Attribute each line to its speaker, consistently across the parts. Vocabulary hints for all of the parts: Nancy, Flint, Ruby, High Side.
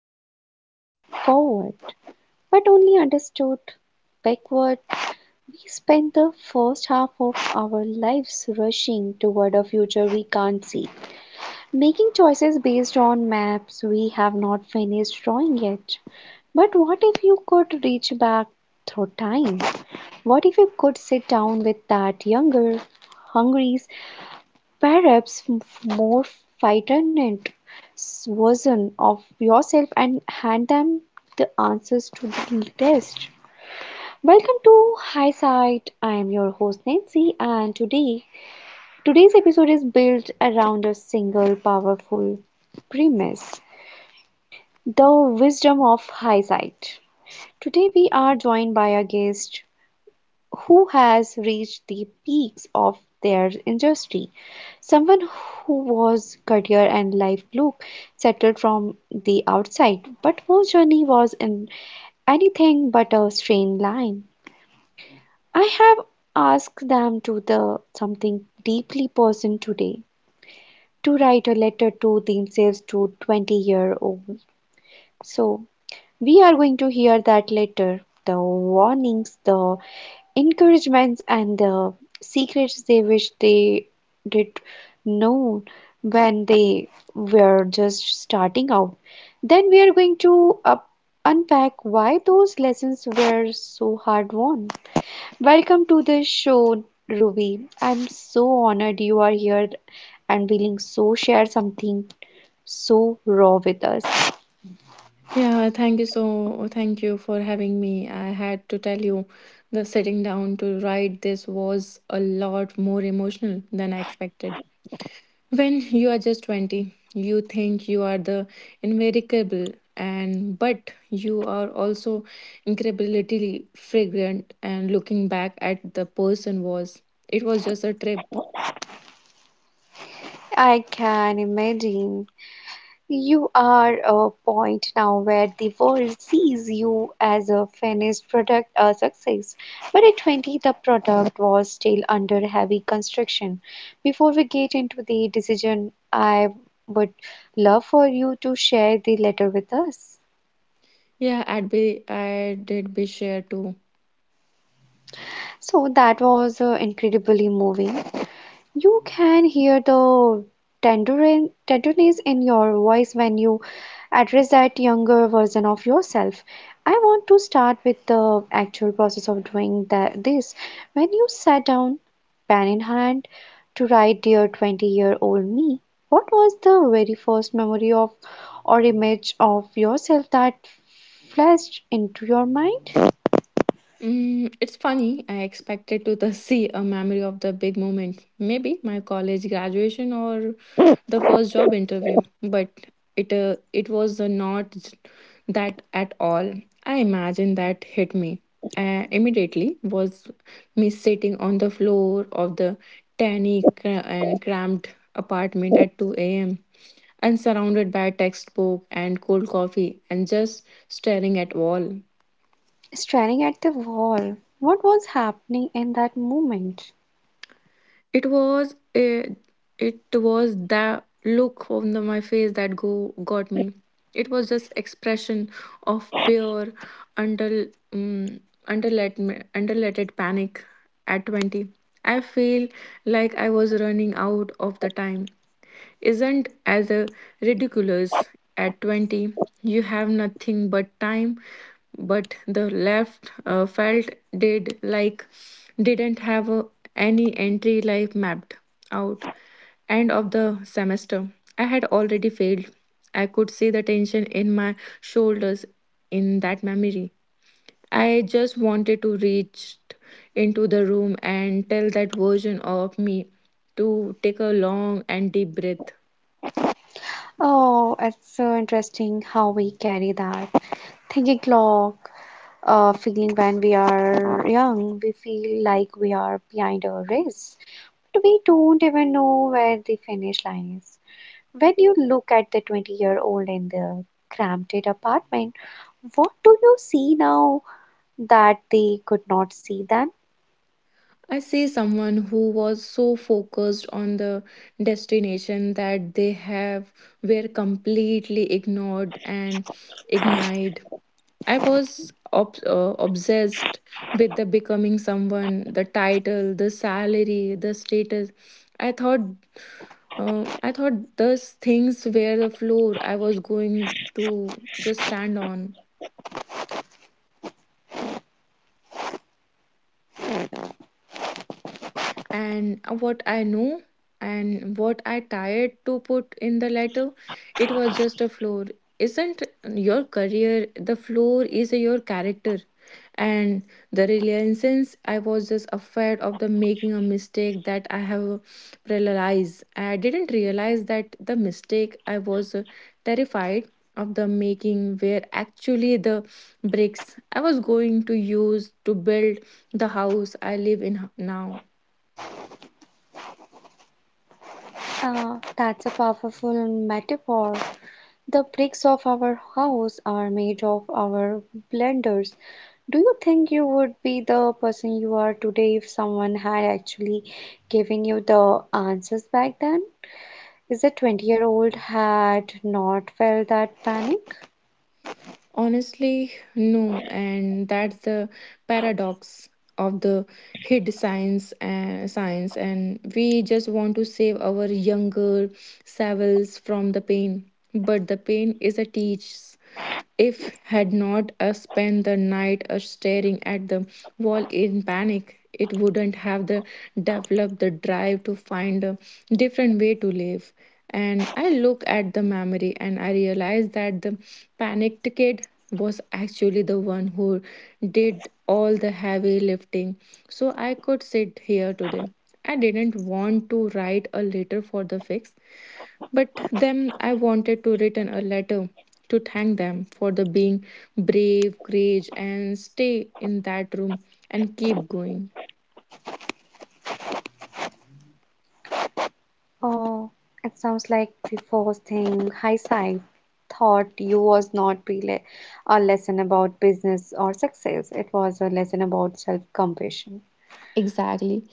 Speaker 1: lived forward, but only understood backward. We spend the first half of our lives rushing toward a future we can't see, making choices based on maps we have not finished drawing yet. But what if you could reach back through time? What if you could sit down with that younger, hungry perhaps more frightened version of yourself and hand them the answers to the test. Welcome to High Side. I am your host Nancy, and today's episode is built around a single powerful premise, the wisdom of hindsight. Today we are joined by a guest who has reached the peaks of their industry. Someone who was career and life look settled from the outside, but whose journey was in anything but a straight line. I have asked them to the something deeply personal today, to write a letter to themselves to 20 year old. So we are going to hear that letter, the warnings, the encouragements, and the secrets they wish they did know when they were just starting out. Then we are going to unpack why those lessons were so hard won. Welcome to the show, Ruby. I'm so honored you are here and willing so share something so raw with us.
Speaker 2: Yeah, thank you for having me. I had to tell you the sitting down to write this was a lot more emotional than I expected. When you are just 20, you think you are the invincible and but you are also incredibly fragrant and looking back at the person was it was just a trip.
Speaker 1: I can imagine. You are a point now where the world sees you as a finished product, a success. But at 20, the product was still under heavy construction. Before we get into the decision, I would love for you to share the letter with us.
Speaker 2: Yeah, I'd be I did be sure too.
Speaker 1: So that was incredibly moving. You can hear the tenderness in your voice when you address that younger version of yourself. I want to start with the actual process of doing that, this. When you sat down, pen in hand, to write Dear 20 year old me, what was the very first memory of or image of yourself that flashed into your mind?
Speaker 2: It's funny. I expected to the see a memory of the big moment, maybe my college graduation or the first job interview, but it was not j- that at all. I imagine that hit me immediately. Was me sitting on the floor of the tiny cra- and cramped apartment at two a.m. and surrounded by textbook and cold coffee and just staring at wall.
Speaker 1: Staring at the wall, what was happening in that moment?
Speaker 2: It was a, it was the look on my face that go got me. It was just expression of pure under um, underlet underletted panic at 20. I feel like I was running out of the time isn't as ridiculous. At 20, you have nothing but time, but the left felt did like didn't have any entry life mapped out. End of the semester, I had already failed. I could see the tension in my shoulders in that memory. I just wanted to reach into the room and tell that version of me to take a long and deep breath.
Speaker 1: Oh, it's so interesting how we carry that thinking clock, feeling. When we are young, we feel like we are behind our race, but we don't even know where the finish line is. When you look at the 20-year-old in the cramped apartment, what do you see now that they could not see then?
Speaker 2: I see someone who was so focused on the destination that they have were completely ignored and ignited. I was obsessed with the becoming someone, the title, the salary, the status. I thought, I thought those things were the floor I was going to just stand on. And what I knew and what I tried to put in the letter, it was just a floor. Isn't your career the floor is your character? And the reluctance I was just afraid of the making a mistake that I have realized. I didn't realize that the mistake I was terrified of the making were actually the bricks I was going to use to build the house I live in now.
Speaker 1: That's a powerful metaphor. The bricks of our house are made of our blunders. Do you think you would be the person you are today if someone had actually given you the answers back then? Is the 20-year-old had not felt that panic?
Speaker 2: Honestly, no, and that's the paradox of the hid science and science and we just want to save our younger selves from the pain, but the pain is a teach if had not spent the night staring at the wall in panic, it wouldn't have the developed the drive to find a different way to live. And I look at the memory and I realize that the panicked kid was actually the one who did all the heavy lifting. So I could sit here today. I didn't want to write a letter for the fix. But then I wanted to return a letter to thank them for the being brave, courage, and stay in that room and keep going.
Speaker 1: Oh, it sounds like the first thing hindsight thought you was not really a lesson about business or success. It was a lesson about self compassion.
Speaker 2: Exactly.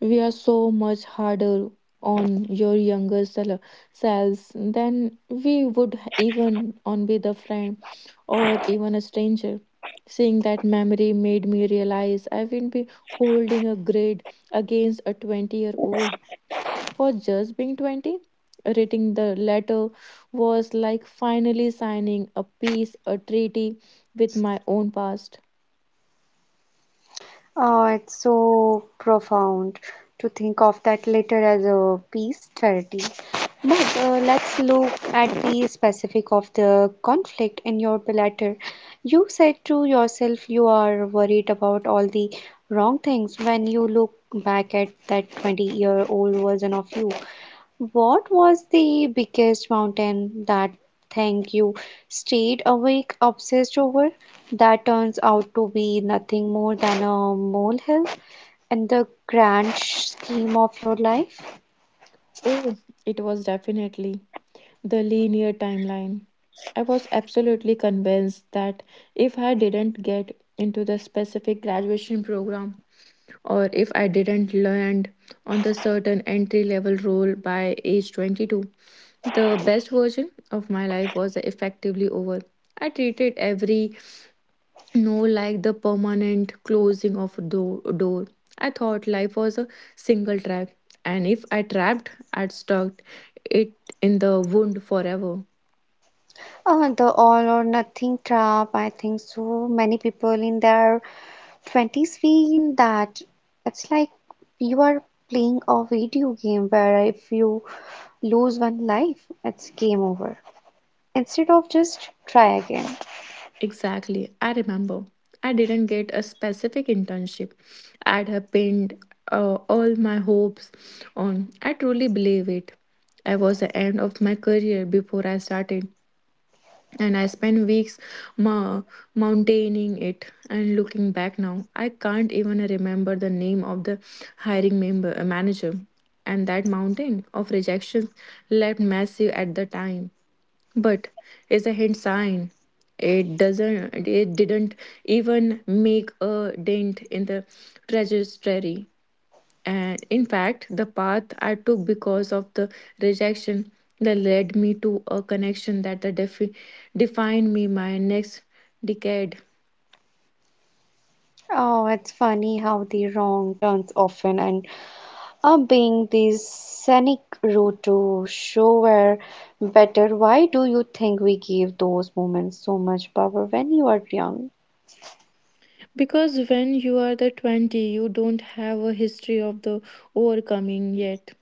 Speaker 2: We are so much harder on your younger selves than we would even on with a friend or even a stranger. Seeing that memory made me realize I will be holding a grade against a 20-year-old for just being 20, reading the letter was like finally signing a peace, a treaty with my own past.
Speaker 1: Oh, it's so profound to think of that later as a peace charity. But let's look at the specific of the conflict in your letter. You said to yourself you are worried about all the wrong things when you look back at that 20-year-old version of you. What was the biggest mountain that thing you stayed awake obsessed over that turns out to be nothing more than a molehill in the grand scheme of your life?
Speaker 2: Oh, it was definitely the linear timeline. I was absolutely convinced that if I didn't get into the specific graduation program or if I didn't land on the certain entry level role by age 22, the best version of my life was effectively over. I treated every no like the permanent closing of door. I thought life was a single trap and if I trapped I'd stuck it in the wound forever.
Speaker 1: The all or nothing trap. I think so many people in their 20s feel that. It's like you are playing a video game where if you lose one life, it's game over, instead of just try again.
Speaker 2: Exactly, I remember I didn't get a specific internship I'd have pinned all my hopes on. I truly believe it. I was the end of my career before I started and I spent weeks ma- mountaining it. And looking back now, I can't even remember the name of the hiring manager. And that mountain of rejections left massive at the time, but it's a hint sign. It doesn't. It didn't even make a dent in the trajectory. And in fact, the path I took because of the rejection that led me to a connection that defined me my next decade.
Speaker 1: Oh, it's funny how the wrong turns often and up being this scenic route to show where better. Why do you think we give those moments so much power when you are young?
Speaker 2: Because when you are the 20, you don't have a history of the overcoming yet.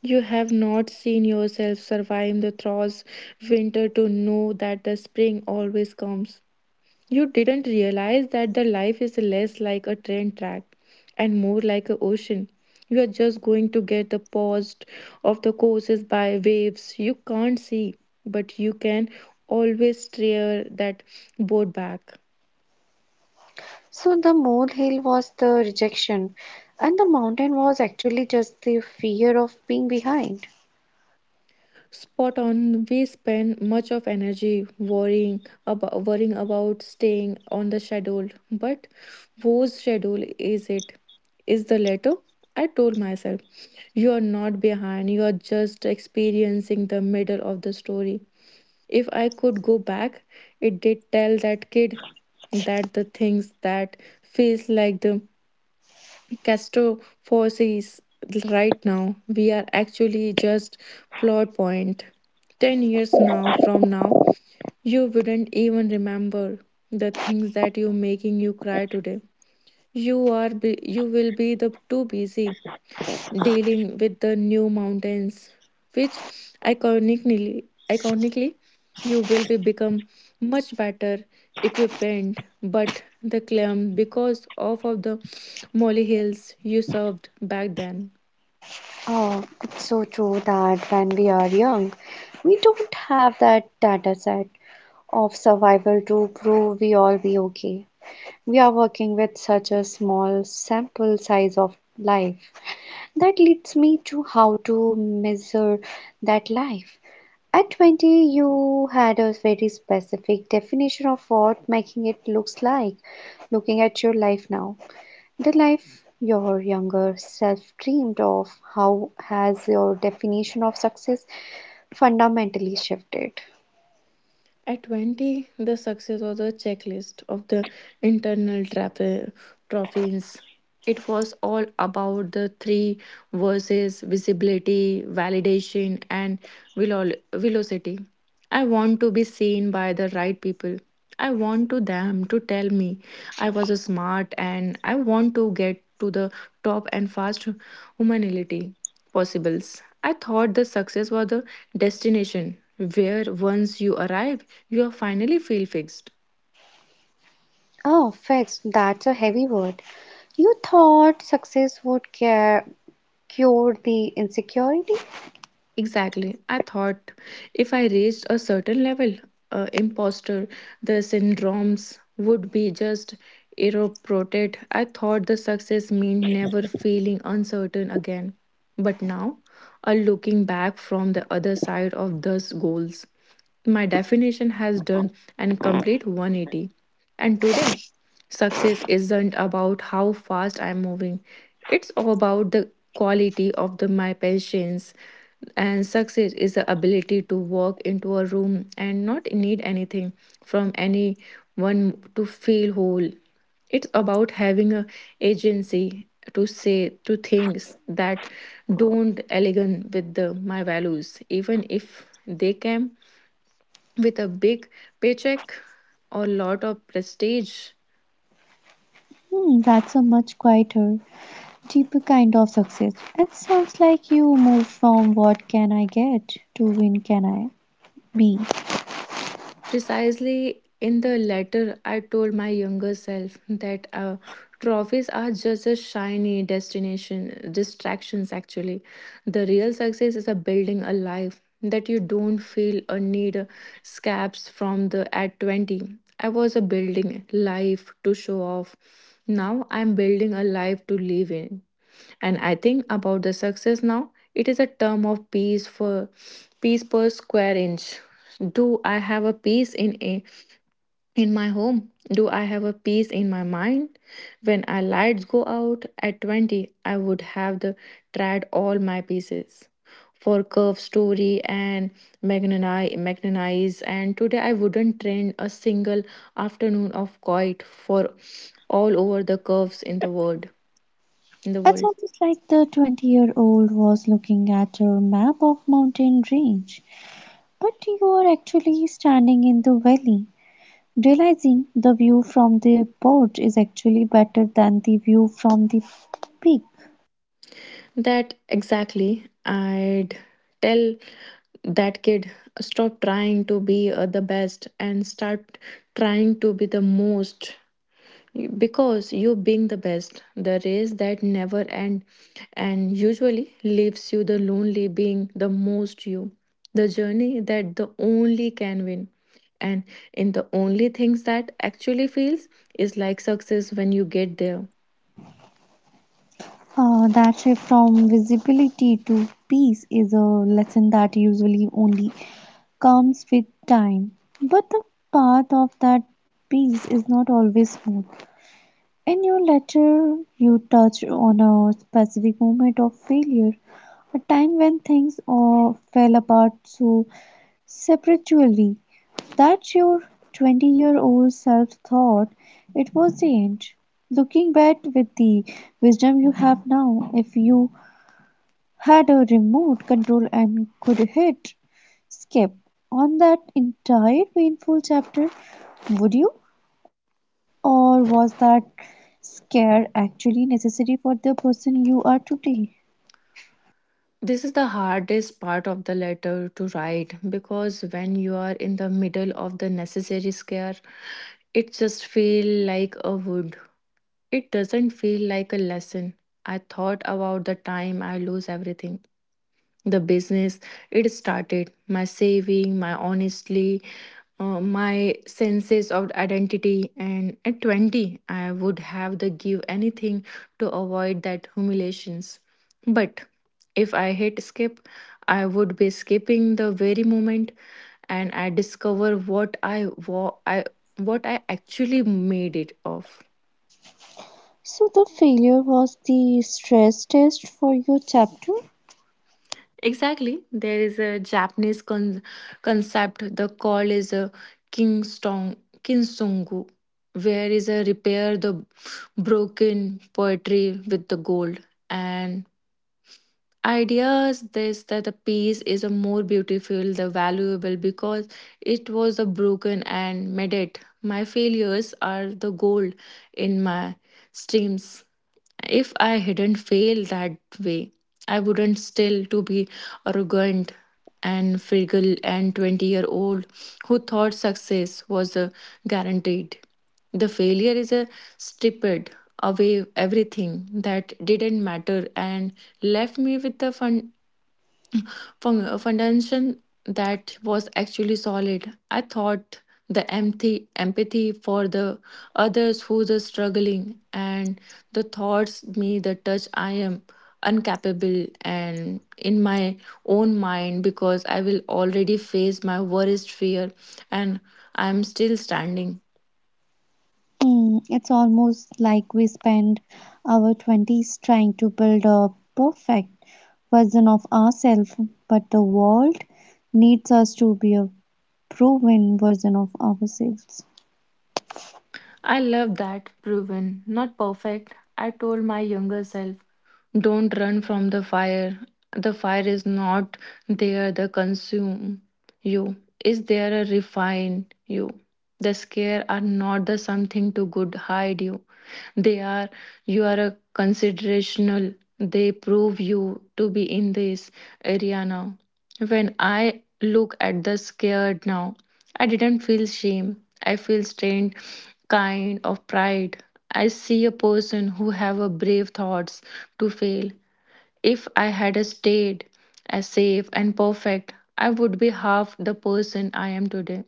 Speaker 2: You have not seen yourself survive the thrause winter to know that the spring always comes. You didn't realize that the life is less like a train track and more like an ocean. You are just going to get the paused of the courses by waves you can't see, but you can always steer that boat back.
Speaker 1: So the molehill was the rejection, and the mountain was actually just the fear of being behind.
Speaker 2: Spot on. We spend much of energy worrying about staying on the schedule, but whose schedule is it? Is the letter? I told myself, you are not behind. You are just experiencing the middle of the story. If I could go back, it did tell that kid that the things that feels like the Castrophosis right now. We are actually just plot point. 10 years now from now, you wouldn't even remember the things that you making you cry today. You are you will be the too busy dealing with the new mountains, which iconically you will be become much better equipped. But the climb because of the molly hills you served back then.
Speaker 1: Oh, it's so true that when we are young, we don't have that data set of survival to prove we all be okay. We are working with such a small sample size of life. That leads me to how to measure that life. At 20, you had a very specific definition of what making it looks like. Looking at your life now, the life your younger self dreamed of, how has your definition of success fundamentally shifted?
Speaker 2: At 20, the success was a checklist of the internal trophies. It was all about the three verses visibility, validation, and velocity. I want to be seen by the right people. I want to them to tell me I was smart and I want to get to the top and fast humanity possibles. I thought the success was the destination where once you arrive, you are finally feel fixed.
Speaker 1: Oh, fixed, that's a heavy word. You thought success would care cure the insecurity?
Speaker 2: Exactly. I thought if I reached a certain level, imposter, the syndromes would be just eroded. I thought the success meant never feeling uncertain again. But now, looking back from the other side of those goals, my definition has done an complete 180. And today, success isn't about how fast I'm moving. It's about the quality of the my patience. And success is the ability to walk into a room and not need anything from anyone to feel whole. It's about having a agency to say to things that don't align with my values, even if they came with a big paycheck or lot of prestige.
Speaker 1: Hmm, that's a much quieter, deeper kind of success. It sounds like you move from what can I get to when can I be.
Speaker 2: Precisely in the letter, I told my younger self that trophies are just a shiny distractions actually. The real success is a building a life that you don't feel or need scabs from the at 20. I was a building life to show off. Now I'm building a life to live in and I think about the success now it is a term of piece for piece per square inch. Do I have a piece in a in my home? Do I have a piece in my mind? When our lights go out at 20 I would have the tried all my pieces for curve story and magnanize, and today I wouldn't trade a single afternoon of quiet for all over the curves in the
Speaker 1: It's
Speaker 2: world.
Speaker 1: almost like the 20-year-old was looking at a map of mountain range, but you are actually standing in the valley, realizing the view from the port is actually better than the view from the peak.
Speaker 2: That exactly. I'd tell that kid stop trying to be the best and start trying to be the most. You- because you being the best the race that never end and usually leaves you the lonely being the most you the journey that the only can win and in the only things that actually feels is like success when you get there.
Speaker 1: That shift from visibility to peace is a lesson that usually only comes with time. But the path of that peace is not always smooth. In your letter, you touch on a specific moment of failure, a time when things fell apart so spiritually that your 20-year-old self thought it was the end. Looking back with the wisdom you have now, if you had a remote control and could hit skip on that entire painful chapter, would you? Or was that scare actually necessary for the person you are today?
Speaker 2: This is the hardest part of the letter to write because when you are in the middle of the necessary scare, it just feel like a wound. It doesn't feel like a lesson. I thought about the time I lose everything the business it started my saving my honestly my senses of identity and at 20 I would have the give anything to avoid that humiliations, but if I hit skip I would be skipping the very moment and I discover what i what I actually made it of.
Speaker 1: So the failure was the stress test for your chapter.
Speaker 2: Exactly. There is a Japanese concept. The call is a kinston kinsongu, where is a repair the broken poetry with the gold. And ideas this that the piece is a more beautiful the valuable because it was a broken and made it my failures are the gold in my streams if I hadn't failed that way I wouldn't still to be arrogant and frugal and 20-year-old who thought success was guaranteed the failure is a stripped away everything that didn't matter and left me with the foundation that was actually solid. I thought the empathy for the others who are struggling and the thoughts me the touch I am incapable and in my own mind because I will already face my worst fear and I am still standing.
Speaker 1: Mm, it's almost like we spend our 20s trying to build a perfect version of ourselves, but the world needs us to be a proven version of ourselves.
Speaker 2: I love that. Proven, not perfect. I told my younger self, don't run from the fire. The fire is not there to consume you. Is there a refine you? The scare are not the something to good hide you. They are you are a considerational. They prove you to be in this area now. When I look at the scared now, I didn't feel shame. I feel strained, kind of pride. I see a person who have a brave thoughts to fail. If I had a stayed as safe and perfect, I would be half the person I am today.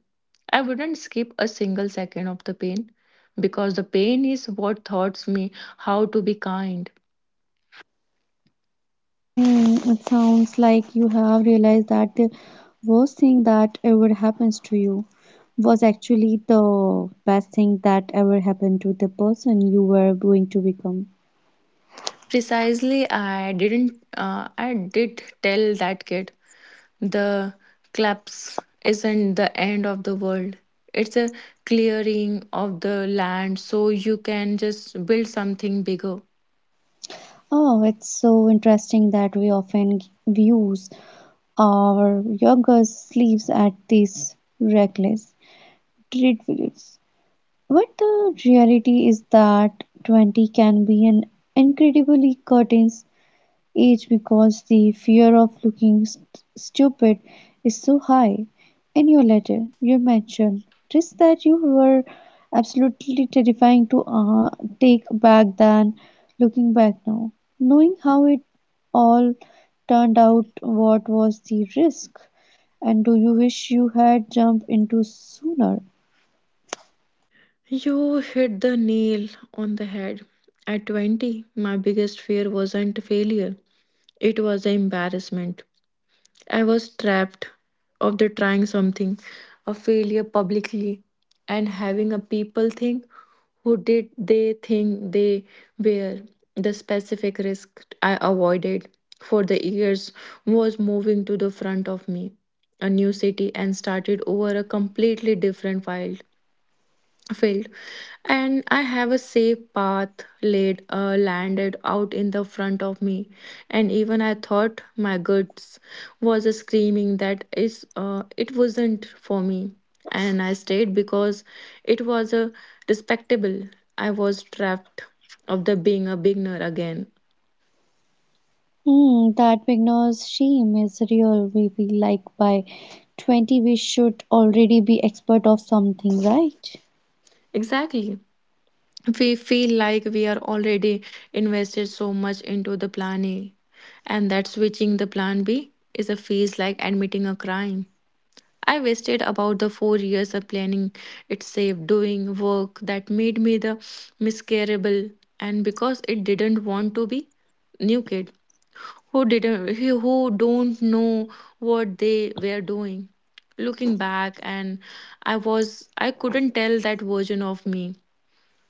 Speaker 2: I wouldn't skip a single second of the pain because the pain is what taught me how to be kind.
Speaker 1: Hmm, it sounds like you have realized that the worst thing that ever happens to you was actually the best thing that ever happened to the person you were going to become.
Speaker 2: Precisely, I didn't. I did tell that kid. The collapse isn't the end of the world. It's a clearing of the land so you can just build something bigger.
Speaker 1: Oh, it's so interesting that we often views our younger sleeves at this reckless dreadfuls. But the reality is that 20 can be an incredibly curtains age because the fear of looking stupid is so high. In your letter, you mentioned just that you were absolutely terrifying to take back than looking back now. Knowing how it all turned out, what was the risk? And do you wish you had jumped into sooner?
Speaker 2: You hit the nail on the head. At 20, my biggest fear wasn't failure, it was embarrassment. I was trapped of the trying something, a failure publicly, and having a people think who did they think they were. The specific risk I avoided for the years was moving to the front of me, a new city, and started over a completely different file field, and I have a safe path laid landed out in the front of me, and even I thought my guts was screaming that is it wasn't for me, and I stayed because it was a respectable. I was trapped of the being a beginner again.
Speaker 1: Hmm, that beginner's shame is real. We feel like by 20 we should already be expert of something, right?
Speaker 2: Exactly, we feel like we are already invested so much into the plan A, and that switching the plan B is a feels like admitting a crime. I wasted about the 4 years of planning it safe doing work that made me the miscarable, and because it didn't want to be new kid who didn't, who don't know what they were doing. Looking back, and I was I couldn't tell that version of me.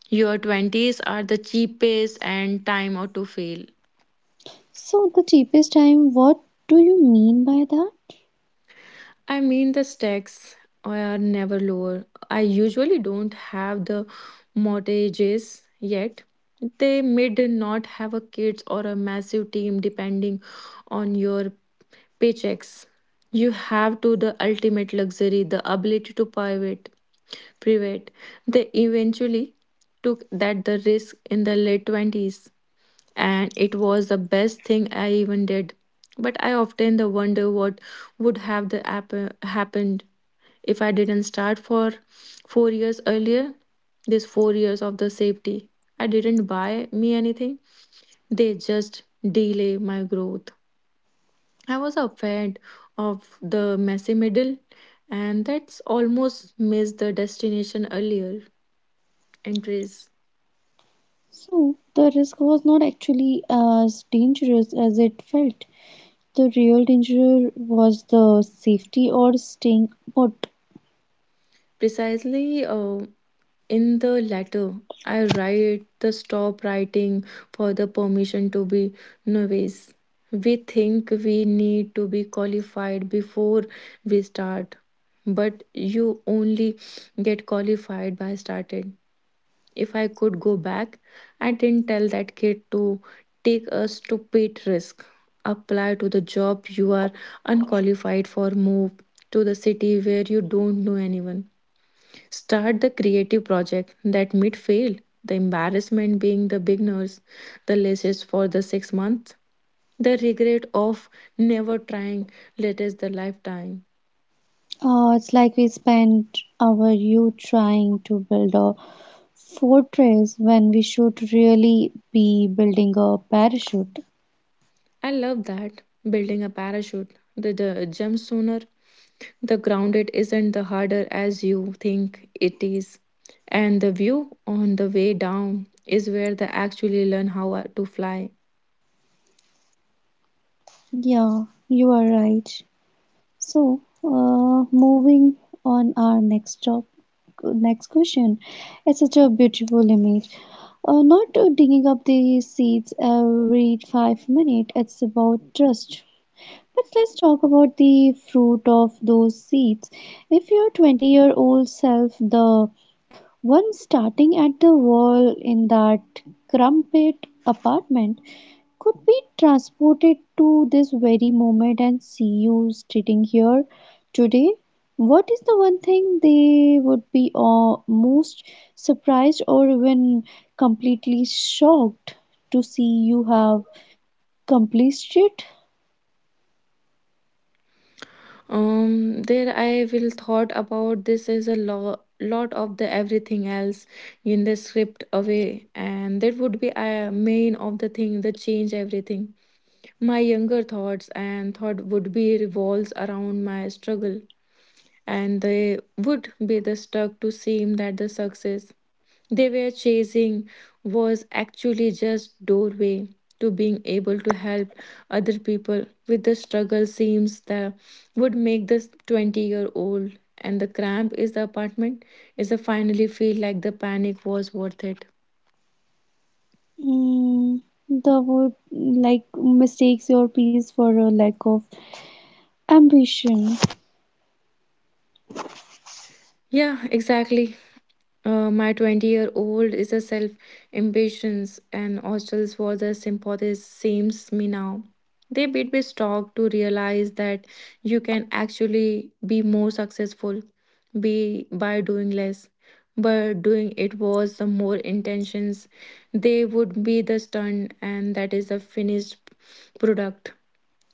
Speaker 2: Your twenties are the cheapest and time out to fail.
Speaker 1: So the cheapest time, what do you mean by that?
Speaker 2: I mean, the stakes are never lower. I usually don't have the mortgages yet. They may not have a kids or a massive team depending on your paychecks. You have to the ultimate luxury, the ability to private. They eventually took that the risk in the late twenties, and it was the best thing I even did. But I often the wonder what would have the happened if I didn't start for 4 years earlier, this 4 years of the safety, I didn't buy me anything. They just delay my growth. I was afraid of the messy middle, and that's almost missed the destination earlier entries.
Speaker 1: So the risk was not actually as dangerous as it felt. The real danger was the safety or staying put.
Speaker 2: Precisely, in the latter, I write the stop writing for the permission to be novice. We think we need to be qualified before we start, but you only get qualified by started. If I could go back, I didn't tell that kid to take a stupid risk. Apply to the job you are unqualified for, move to the city where you don't know anyone. Start the creative project that might fail, the embarrassment being the beginners, the lashes for the 6 months, the regret of never trying, latest the lifetime.
Speaker 1: It's like we spent our youth trying to build a fortress when we should really be building a parachute.
Speaker 2: I love that. Building a parachute, the jump sooner, the grounded isn't the harder as you think it is. And the view on the way down is where they actually learn how to fly.
Speaker 1: Yeah, you are right. So, moving on our next question. It's such a beautiful image. Not digging up the seeds every 5 minutes. It's about trust. But let's talk about the fruit of those seeds. If your 20-year-old self, the one starting at the wall in that crumpet apartment, could be transported to this very moment and see you sitting here today? What is the one thing they would be most surprised or even completely shocked to see you have completed? It?
Speaker 2: There I will thought about this is a lot of the everything else in the script away, and that would be a main of the thing that change everything. My younger thoughts and thought would be revolves around my struggle, and they would be the stuck to seem that the success they were chasing was actually just doorway to being able to help other people with the struggle seems that would make this 20-year-old and the cramp is the apartment is a finally feel like the panic was worth it.
Speaker 1: Mm, the would like mistakes your peace for a lack of ambition.
Speaker 2: Yeah, exactly. My 20 year old is a self impatience and hostels for the sympathies seems me now. They bit me stock to realize that you can actually be more successful be by doing less. But doing it was the more intentions, they would be the stunt, and that is the finished product,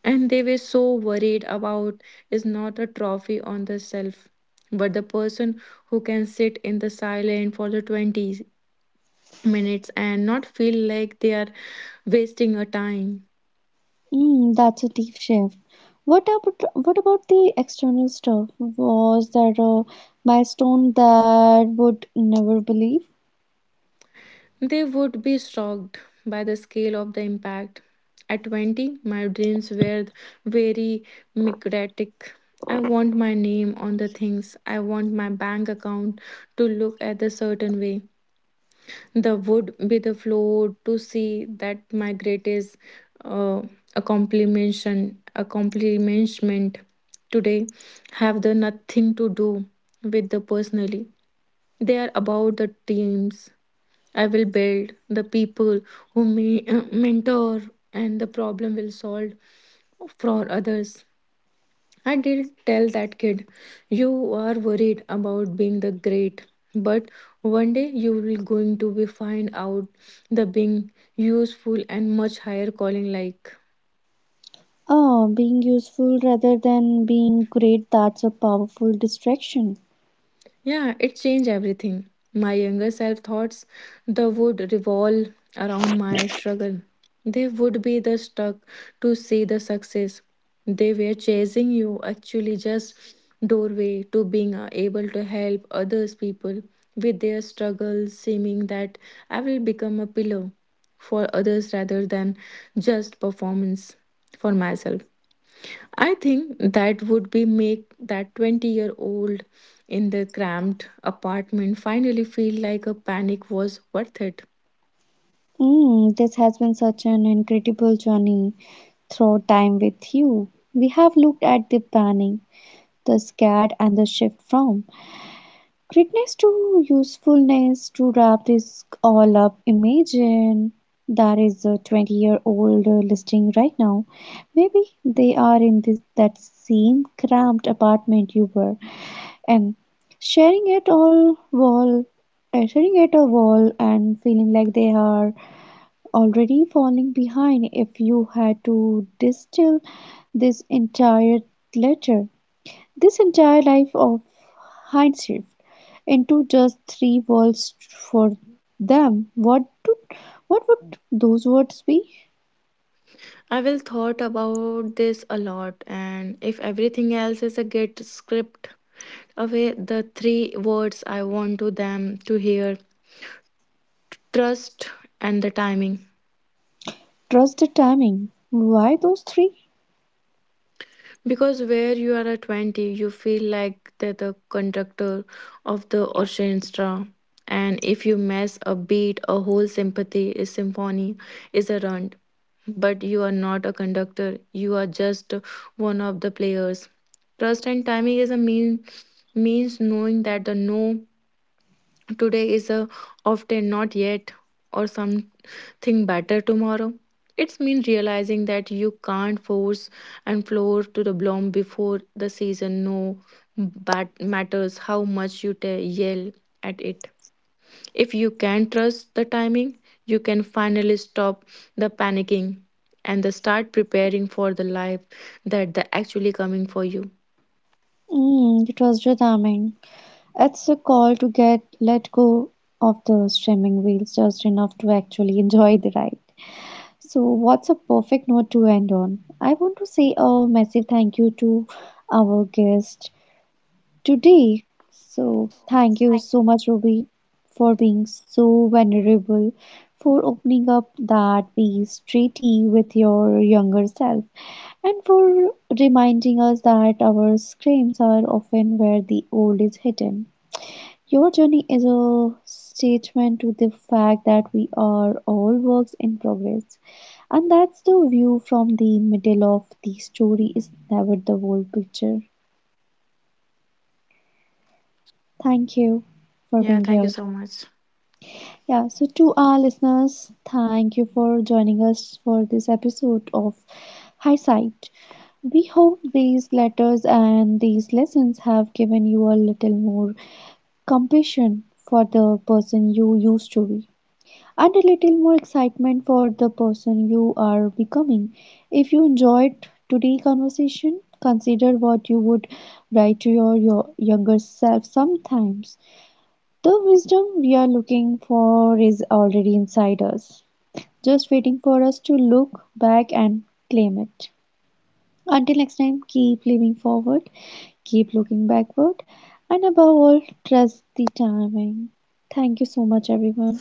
Speaker 2: and they were so worried about is not a trophy on the shelf but the person who can sit in the silent for the 20 minutes and not feel like they are wasting a time.
Speaker 1: Mm, that's a deep shift. What about the external stuff? Was that a milestone that would never believe?
Speaker 2: They would be shocked by the scale of the impact. At 20, my dreams were very mimetic. I want my name on the things, I want my bank account to look at a certain way. The would be the floor to see that my greatest uh, accomplishment today have the nothing to do with the personally. They are about the teams I will build, the people who may mentor, and the problem will solve for others. I did tell that kid, you are worried about being the great, but one day you will going to be find out the being useful and much higher calling like.
Speaker 1: Oh, being useful rather than being great, that's a powerful distraction.
Speaker 2: Yeah, it changed everything. My younger self thoughts the would revolve around my struggle. They would be the stuck to see the success. They were chasing you actually just doorway to being able to help others people with their struggles, seeming that I will become a pillow for others rather than just performance for myself. I think that would be make that 20-year-old in the cramped apartment finally feel like a panic was worth it.
Speaker 1: Mm, this has been such an incredible journey through time with you. We have looked at the planning, the scared, and the shift from greatness to usefulness. To wrap this all up, imagine there is a 20-year-old listing right now. Maybe they are in this that same cramped apartment you were, and sharing it all wall, sharing at a wall, and feeling like they are already falling behind. If you had to distill this entire letter, this entire life of hindsight, into just three words for them, what would those words be?
Speaker 2: I will thought about this a lot, and if everything else is a get script away, the three words I want to them to hear: trust and the timing.
Speaker 1: Trust the timing. Why those three?
Speaker 2: Because where you are at 20, you feel like that the conductor of the orchestra. And if you mess a beat, a whole sympathy is symphony is a runt. But you are not a conductor. You are just one of the players. Trust and timing is a mean means knowing that the no today is a often not yet or some think better tomorrow. It's mean realizing that you can't force and floor to the bloom before the season. No, but matters how much you yell at it. If you can trust the timing, you can finally stop the panicking and the start preparing for the life that the actually coming for you.
Speaker 1: Mm, trust the timing. It's a call to get let go of the streaming wheels just enough to actually enjoy the ride. So, what's a perfect note to end on? I want to say a massive thank you to our guest today. So, thank you so much, Ruby, for being so vulnerable, for opening up that piece treaty with your younger self, and for reminding us that our screams are often where the old is hidden. Your journey is a statement to the fact that we are all works in progress, and that's the view from the middle of the story is never the whole picture. Thank you for
Speaker 2: Yeah,
Speaker 1: being
Speaker 2: thank you
Speaker 1: here.
Speaker 2: so much.
Speaker 1: Yeah, so to our listeners, thank you for joining us for this episode of Hindsight. We hope these letters and these lessons have given you a little more compassion for the person you used to be and a little more excitement for the person you are becoming. If you enjoyed today's conversation, consider what you would write to your younger self sometimes. The wisdom we are looking for is already inside us, just waiting for us to look back and claim it. Until next time, keep living forward, keep looking backward, and above all, trust the timing. Thank you so much, everyone.